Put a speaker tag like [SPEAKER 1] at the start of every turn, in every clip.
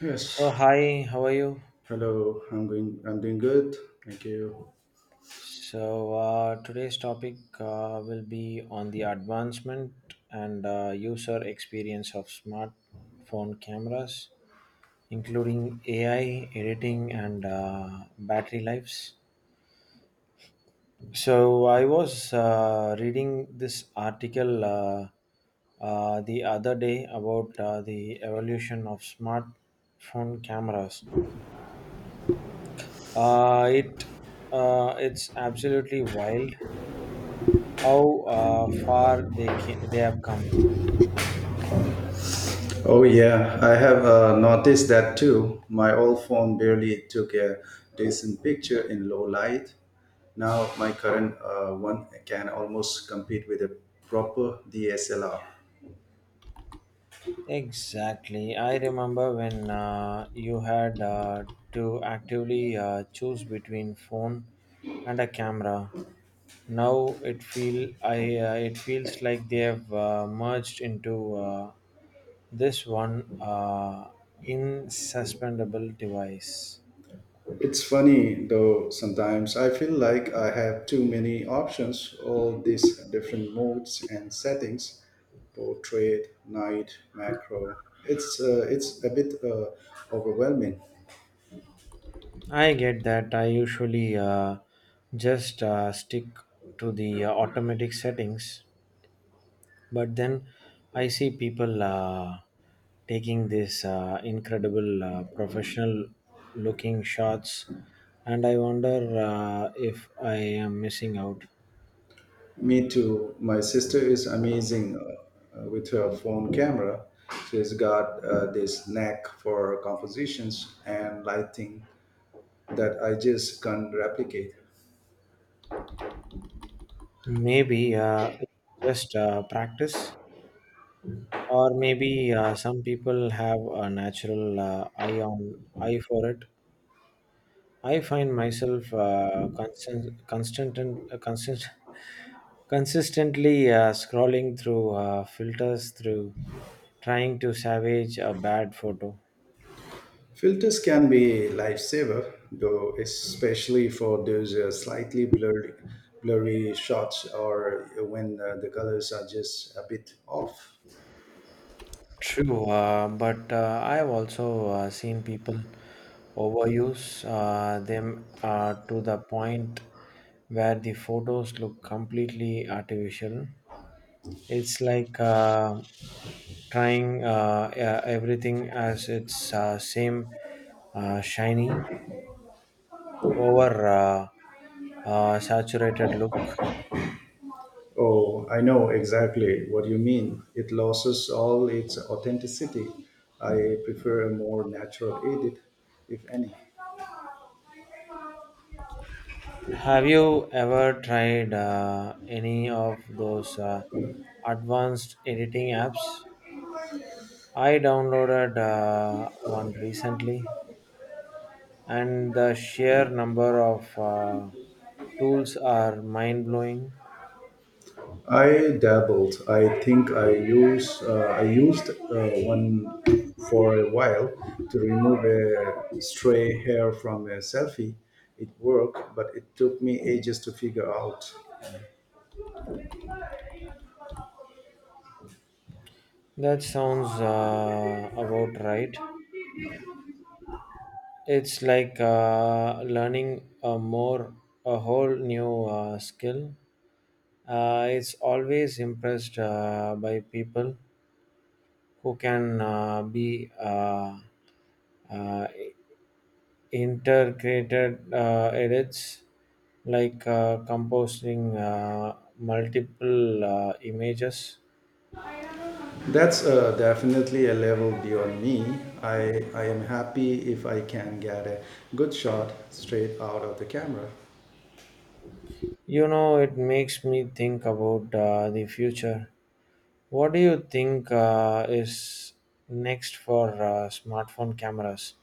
[SPEAKER 1] Yes.
[SPEAKER 2] So, hi, how are you?
[SPEAKER 1] Hello. I'm going. I'm doing good. Thank you.
[SPEAKER 2] So, today's topic will be on the advancement and user experience of smartphone cameras, including AI, editing, and battery lives. So, I was reading this article the other day about the evolution of smartphone cameras. Uh, it it's absolutely wild how far they have come.
[SPEAKER 1] Oh yeah, I have noticed that too. My old phone barely took a decent picture in low light. Now my current one can almost compete with a proper DSLR.
[SPEAKER 2] Exactly. I remember when you had to actively choose between phone and a camera. Now it feel I It feels like they have merged into this one insuspendable device.
[SPEAKER 1] It's funny though, sometimes I feel like I have too many options, all these different modes and settings portrait, night, macro. It's a bit overwhelming.
[SPEAKER 2] I get that. I usually just stick to the automatic settings. But then I see people taking these incredible professional looking shots, and I wonder if I am missing out.
[SPEAKER 1] Me too. My sister is amazing with her phone camera. She's got this knack for compositions and lighting that I just can't replicate.
[SPEAKER 2] Maybe just practice, or maybe some people have a natural eye on eye for it. I find myself consistently scrolling through filters through trying to salvage a bad photo.
[SPEAKER 1] Filters can be a lifesaver, though, especially for those blurry shots or when the colors are just a bit off.
[SPEAKER 2] True, but I've also seen people overuse them to the point where the photos look completely artificial. It's like trying everything as its same, shiny, over saturated look.
[SPEAKER 1] Oh, I know exactly what you mean. It loses all its authenticity. I prefer a more natural edit, if any.
[SPEAKER 2] Have you ever tried any of those advanced editing apps? I downloaded one recently, and the sheer number of tools are mind blowing.
[SPEAKER 1] I dabbled. I used one for a while to remove a stray hair from a selfie. It worked, but it took me ages to figure out.
[SPEAKER 2] That sounds about right. It's like learning a more a whole new skill. It's always impressed by people who can be uh, integrated edits like composing multiple images.
[SPEAKER 1] That's definitely a level beyond me. I am happy if I can get a good shot straight out of the camera.
[SPEAKER 2] You know, it makes me think about the future. What do you think is next for smartphone cameras?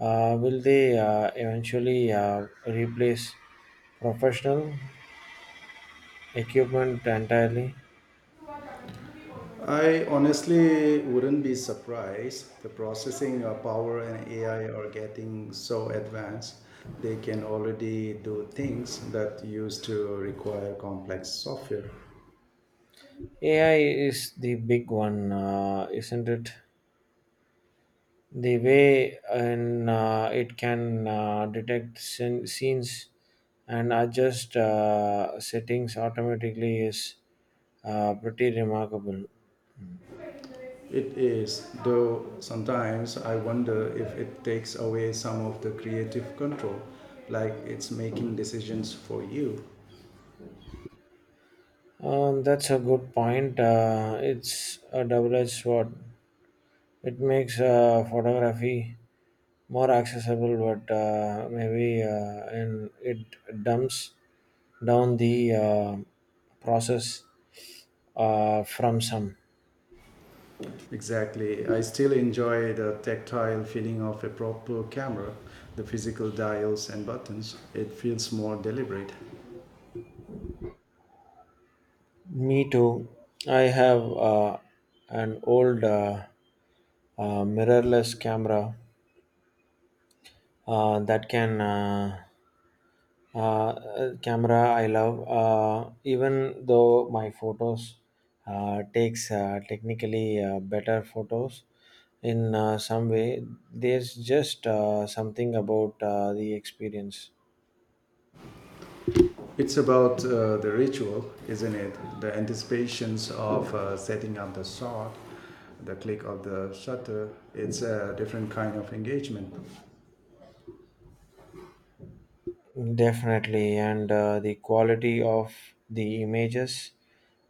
[SPEAKER 2] Will they eventually replace professional equipment entirely?
[SPEAKER 1] I honestly wouldn't be surprised. The processing power and AI are getting so advanced, they can already do things that used to require complex software.
[SPEAKER 2] AI is the big one, isn't it? The way and it can detect scenes and adjust settings automatically is pretty remarkable.
[SPEAKER 1] It is, though sometimes I wonder if it takes away some of the creative control, like it's making decisions for you.
[SPEAKER 2] That's a good point. It's a double-edged sword. It makes photography more accessible, but maybe and it dumps down the process from some.
[SPEAKER 1] Exactly. I still enjoy the tactile feeling of a proper camera, the physical dials and buttons. It feels more deliberate.
[SPEAKER 2] Me too. I have an old mirrorless camera that can. Uh, camera I love. Uh, even though my photos takes technically better photos in some way, there's just something about the experience.
[SPEAKER 1] It's about the ritual, isn't it? The anticipations of setting up the shot, the click of the shutter. It's a different kind of engagement.
[SPEAKER 2] Definitely, and the quality of the images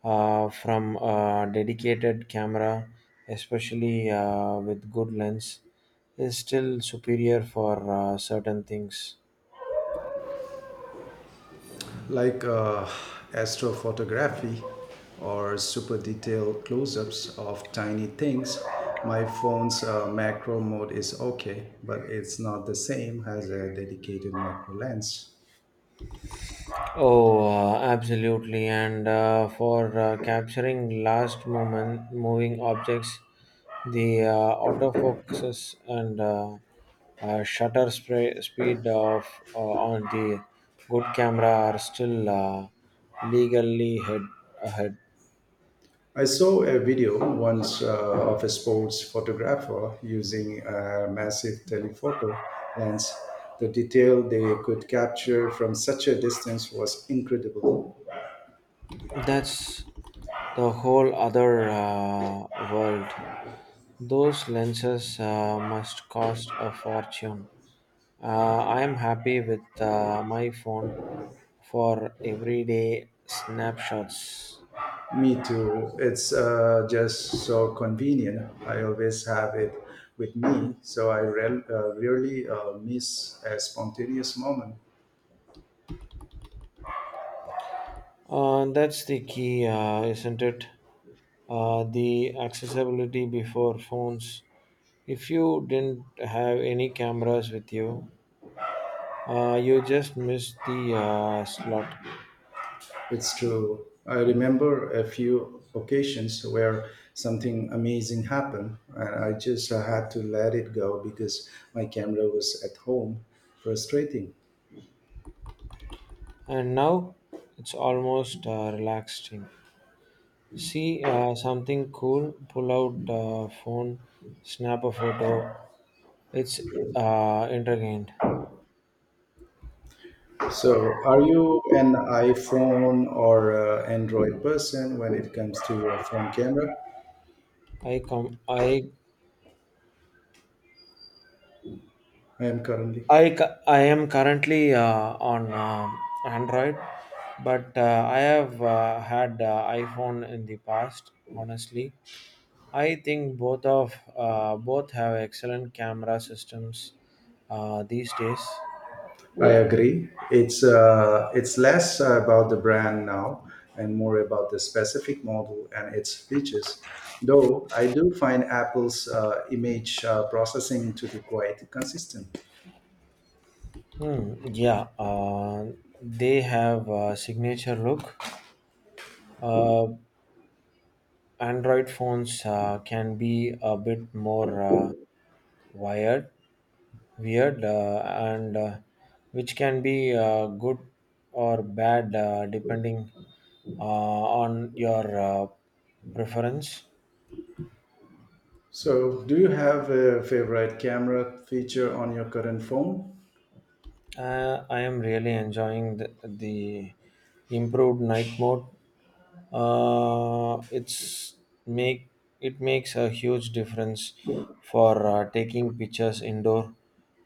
[SPEAKER 2] from a dedicated camera, especially with good lens, is still superior for certain things.
[SPEAKER 1] Like astrophotography or super detailed close-ups of tiny things. My phone's macro mode is okay, but it's not the same as a dedicated macro lens.
[SPEAKER 2] Oh, absolutely. And for capturing last moment moving objects, the autofocuses and shutter spray speed of on the good camera are still legally head ahead.
[SPEAKER 1] I saw a video once of a sports photographer using a massive telephoto lens. The detail they could capture from such a distance was incredible.
[SPEAKER 2] That's the whole other world. Those lenses must cost a fortune. I am happy with my phone for everyday snapshots.
[SPEAKER 1] Me too. It's just so convenient. I always have it with me, so I rarely miss a spontaneous moment.
[SPEAKER 2] That's the key, isn't it? The accessibility before phones. If you didn't have any cameras with you, you just missed the slot.
[SPEAKER 1] It's true. I remember a few occasions where something amazing happened, and I just had to let it go because my camera was at home. Frustrating.
[SPEAKER 2] And now it's almost relaxing. See something cool, pull out phone, snap a photo. It's entertained.
[SPEAKER 1] So, are you an iPhone or Android person when it comes to your phone camera?
[SPEAKER 2] I come.
[SPEAKER 1] I am currently.
[SPEAKER 2] I cu- I am currently on Android, but I have had iPhone in the past. Honestly, I think both have excellent camera systems these days.
[SPEAKER 1] I Yeah, agree. It's less about the brand now and more about the specific model and its features. Though I do find Apple's image processing to be quite consistent.
[SPEAKER 2] Hmm. Yeah. They have a signature look. Uh, Android phones can be a bit more wired, weird, and which can be good or bad depending on your preference.
[SPEAKER 1] So, do you have a favorite camera feature on your current phone?
[SPEAKER 2] I am really enjoying the improved night mode. Uh, it's make it makes a huge difference for taking pictures indoor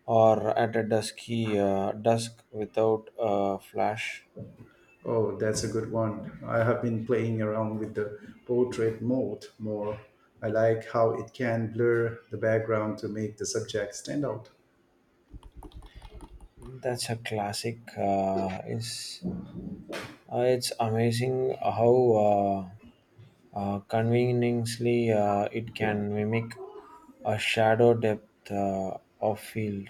[SPEAKER 2] or at a dusky dusk without a flash.
[SPEAKER 1] Oh, that's a good one. I have been playing around with the portrait mode more. I like how it can blur the background to make the subject stand out.
[SPEAKER 2] That's a classic. Is It's amazing how conveniently it can mimic a shadow depth of field.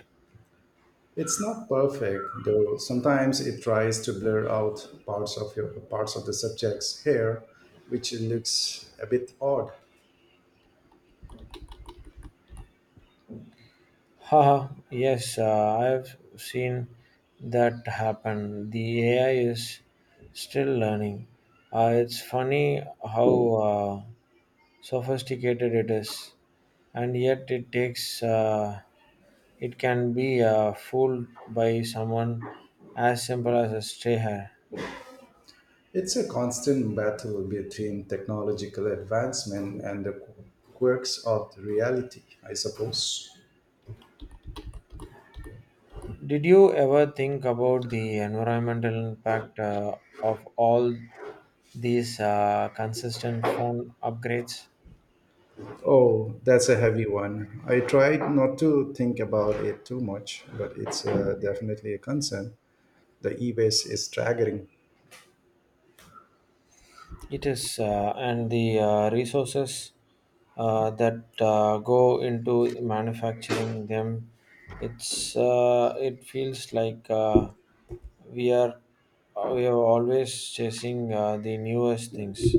[SPEAKER 1] It's not perfect, though sometimes it tries to blur out parts of the subject's hair, which looks a bit odd.
[SPEAKER 2] Haha, yes, I've seen that happen. The AI is still learning. It's funny how sophisticated it is, and yet it can be fooled by someone as simple as a stray hair.
[SPEAKER 1] It's a constant battle between technological advancement and the quirks of reality, I suppose.
[SPEAKER 2] Did you ever think about the environmental impact of all these consistent phone upgrades?
[SPEAKER 1] Oh, that's a heavy one. I tried not to think about it too much, but it's definitely a concern. The e waste is staggering.
[SPEAKER 2] It is, and the resources that go into manufacturing them, it feels like we are we are always chasing the newest things.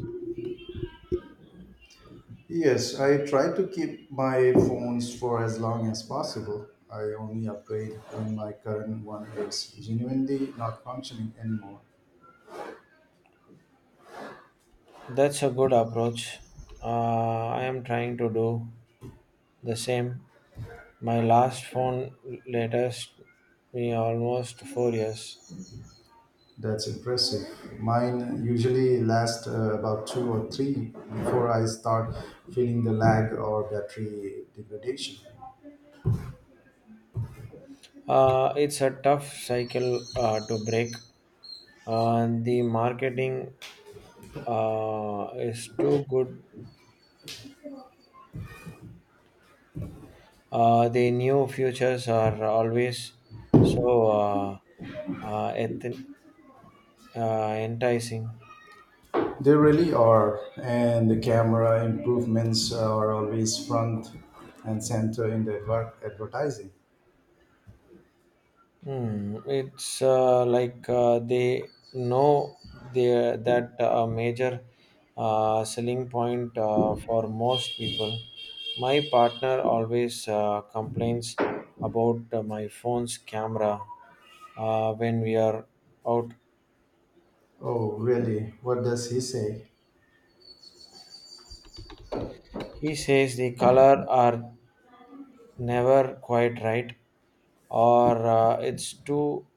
[SPEAKER 1] Yes, I try to keep my phones for as long as possible. I only upgrade when my current one is genuinely not functioning anymore.
[SPEAKER 2] That's a good approach. I am trying to do the same. My last phone latest me almost 4 years.
[SPEAKER 1] That's impressive. Mine usually lasts about two or three before I start feeling the lag or battery degradation.
[SPEAKER 2] It's a tough cycle to break. The marketing is too good. The new futures are always so uh, eth- uh, enticing.
[SPEAKER 1] They really are, and the camera improvements are always front and center in the advertising.
[SPEAKER 2] Hmm. It's like they know that a major selling point for most people. My partner always complains about my phone's camera when we are out.
[SPEAKER 1] Oh, really? What does he say?
[SPEAKER 2] He says the color are never quite right or it's too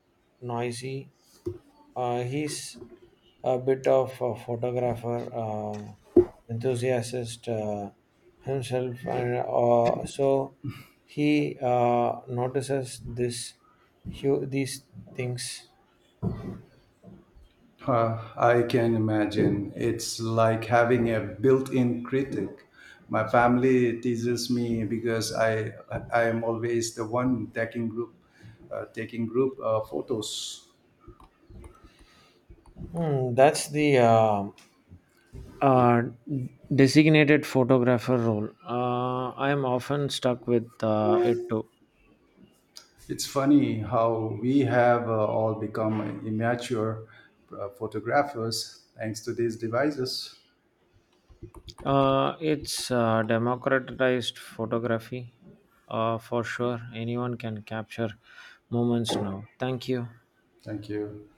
[SPEAKER 2] noisy. He's a bit of a photographer, enthusiast himself, and so he notices these things.
[SPEAKER 1] Huh, I can imagine. It's like having a built-in critic. My family teases me because I am always the one taking group photos.
[SPEAKER 2] Hmm, that's the uh, designated photographer role. I am often stuck with it too.
[SPEAKER 1] It's funny how we have all become immature photographers thanks to these devices.
[SPEAKER 2] It's democratized photography. For sure, anyone can capture moments now. Thank you.
[SPEAKER 1] Thank you.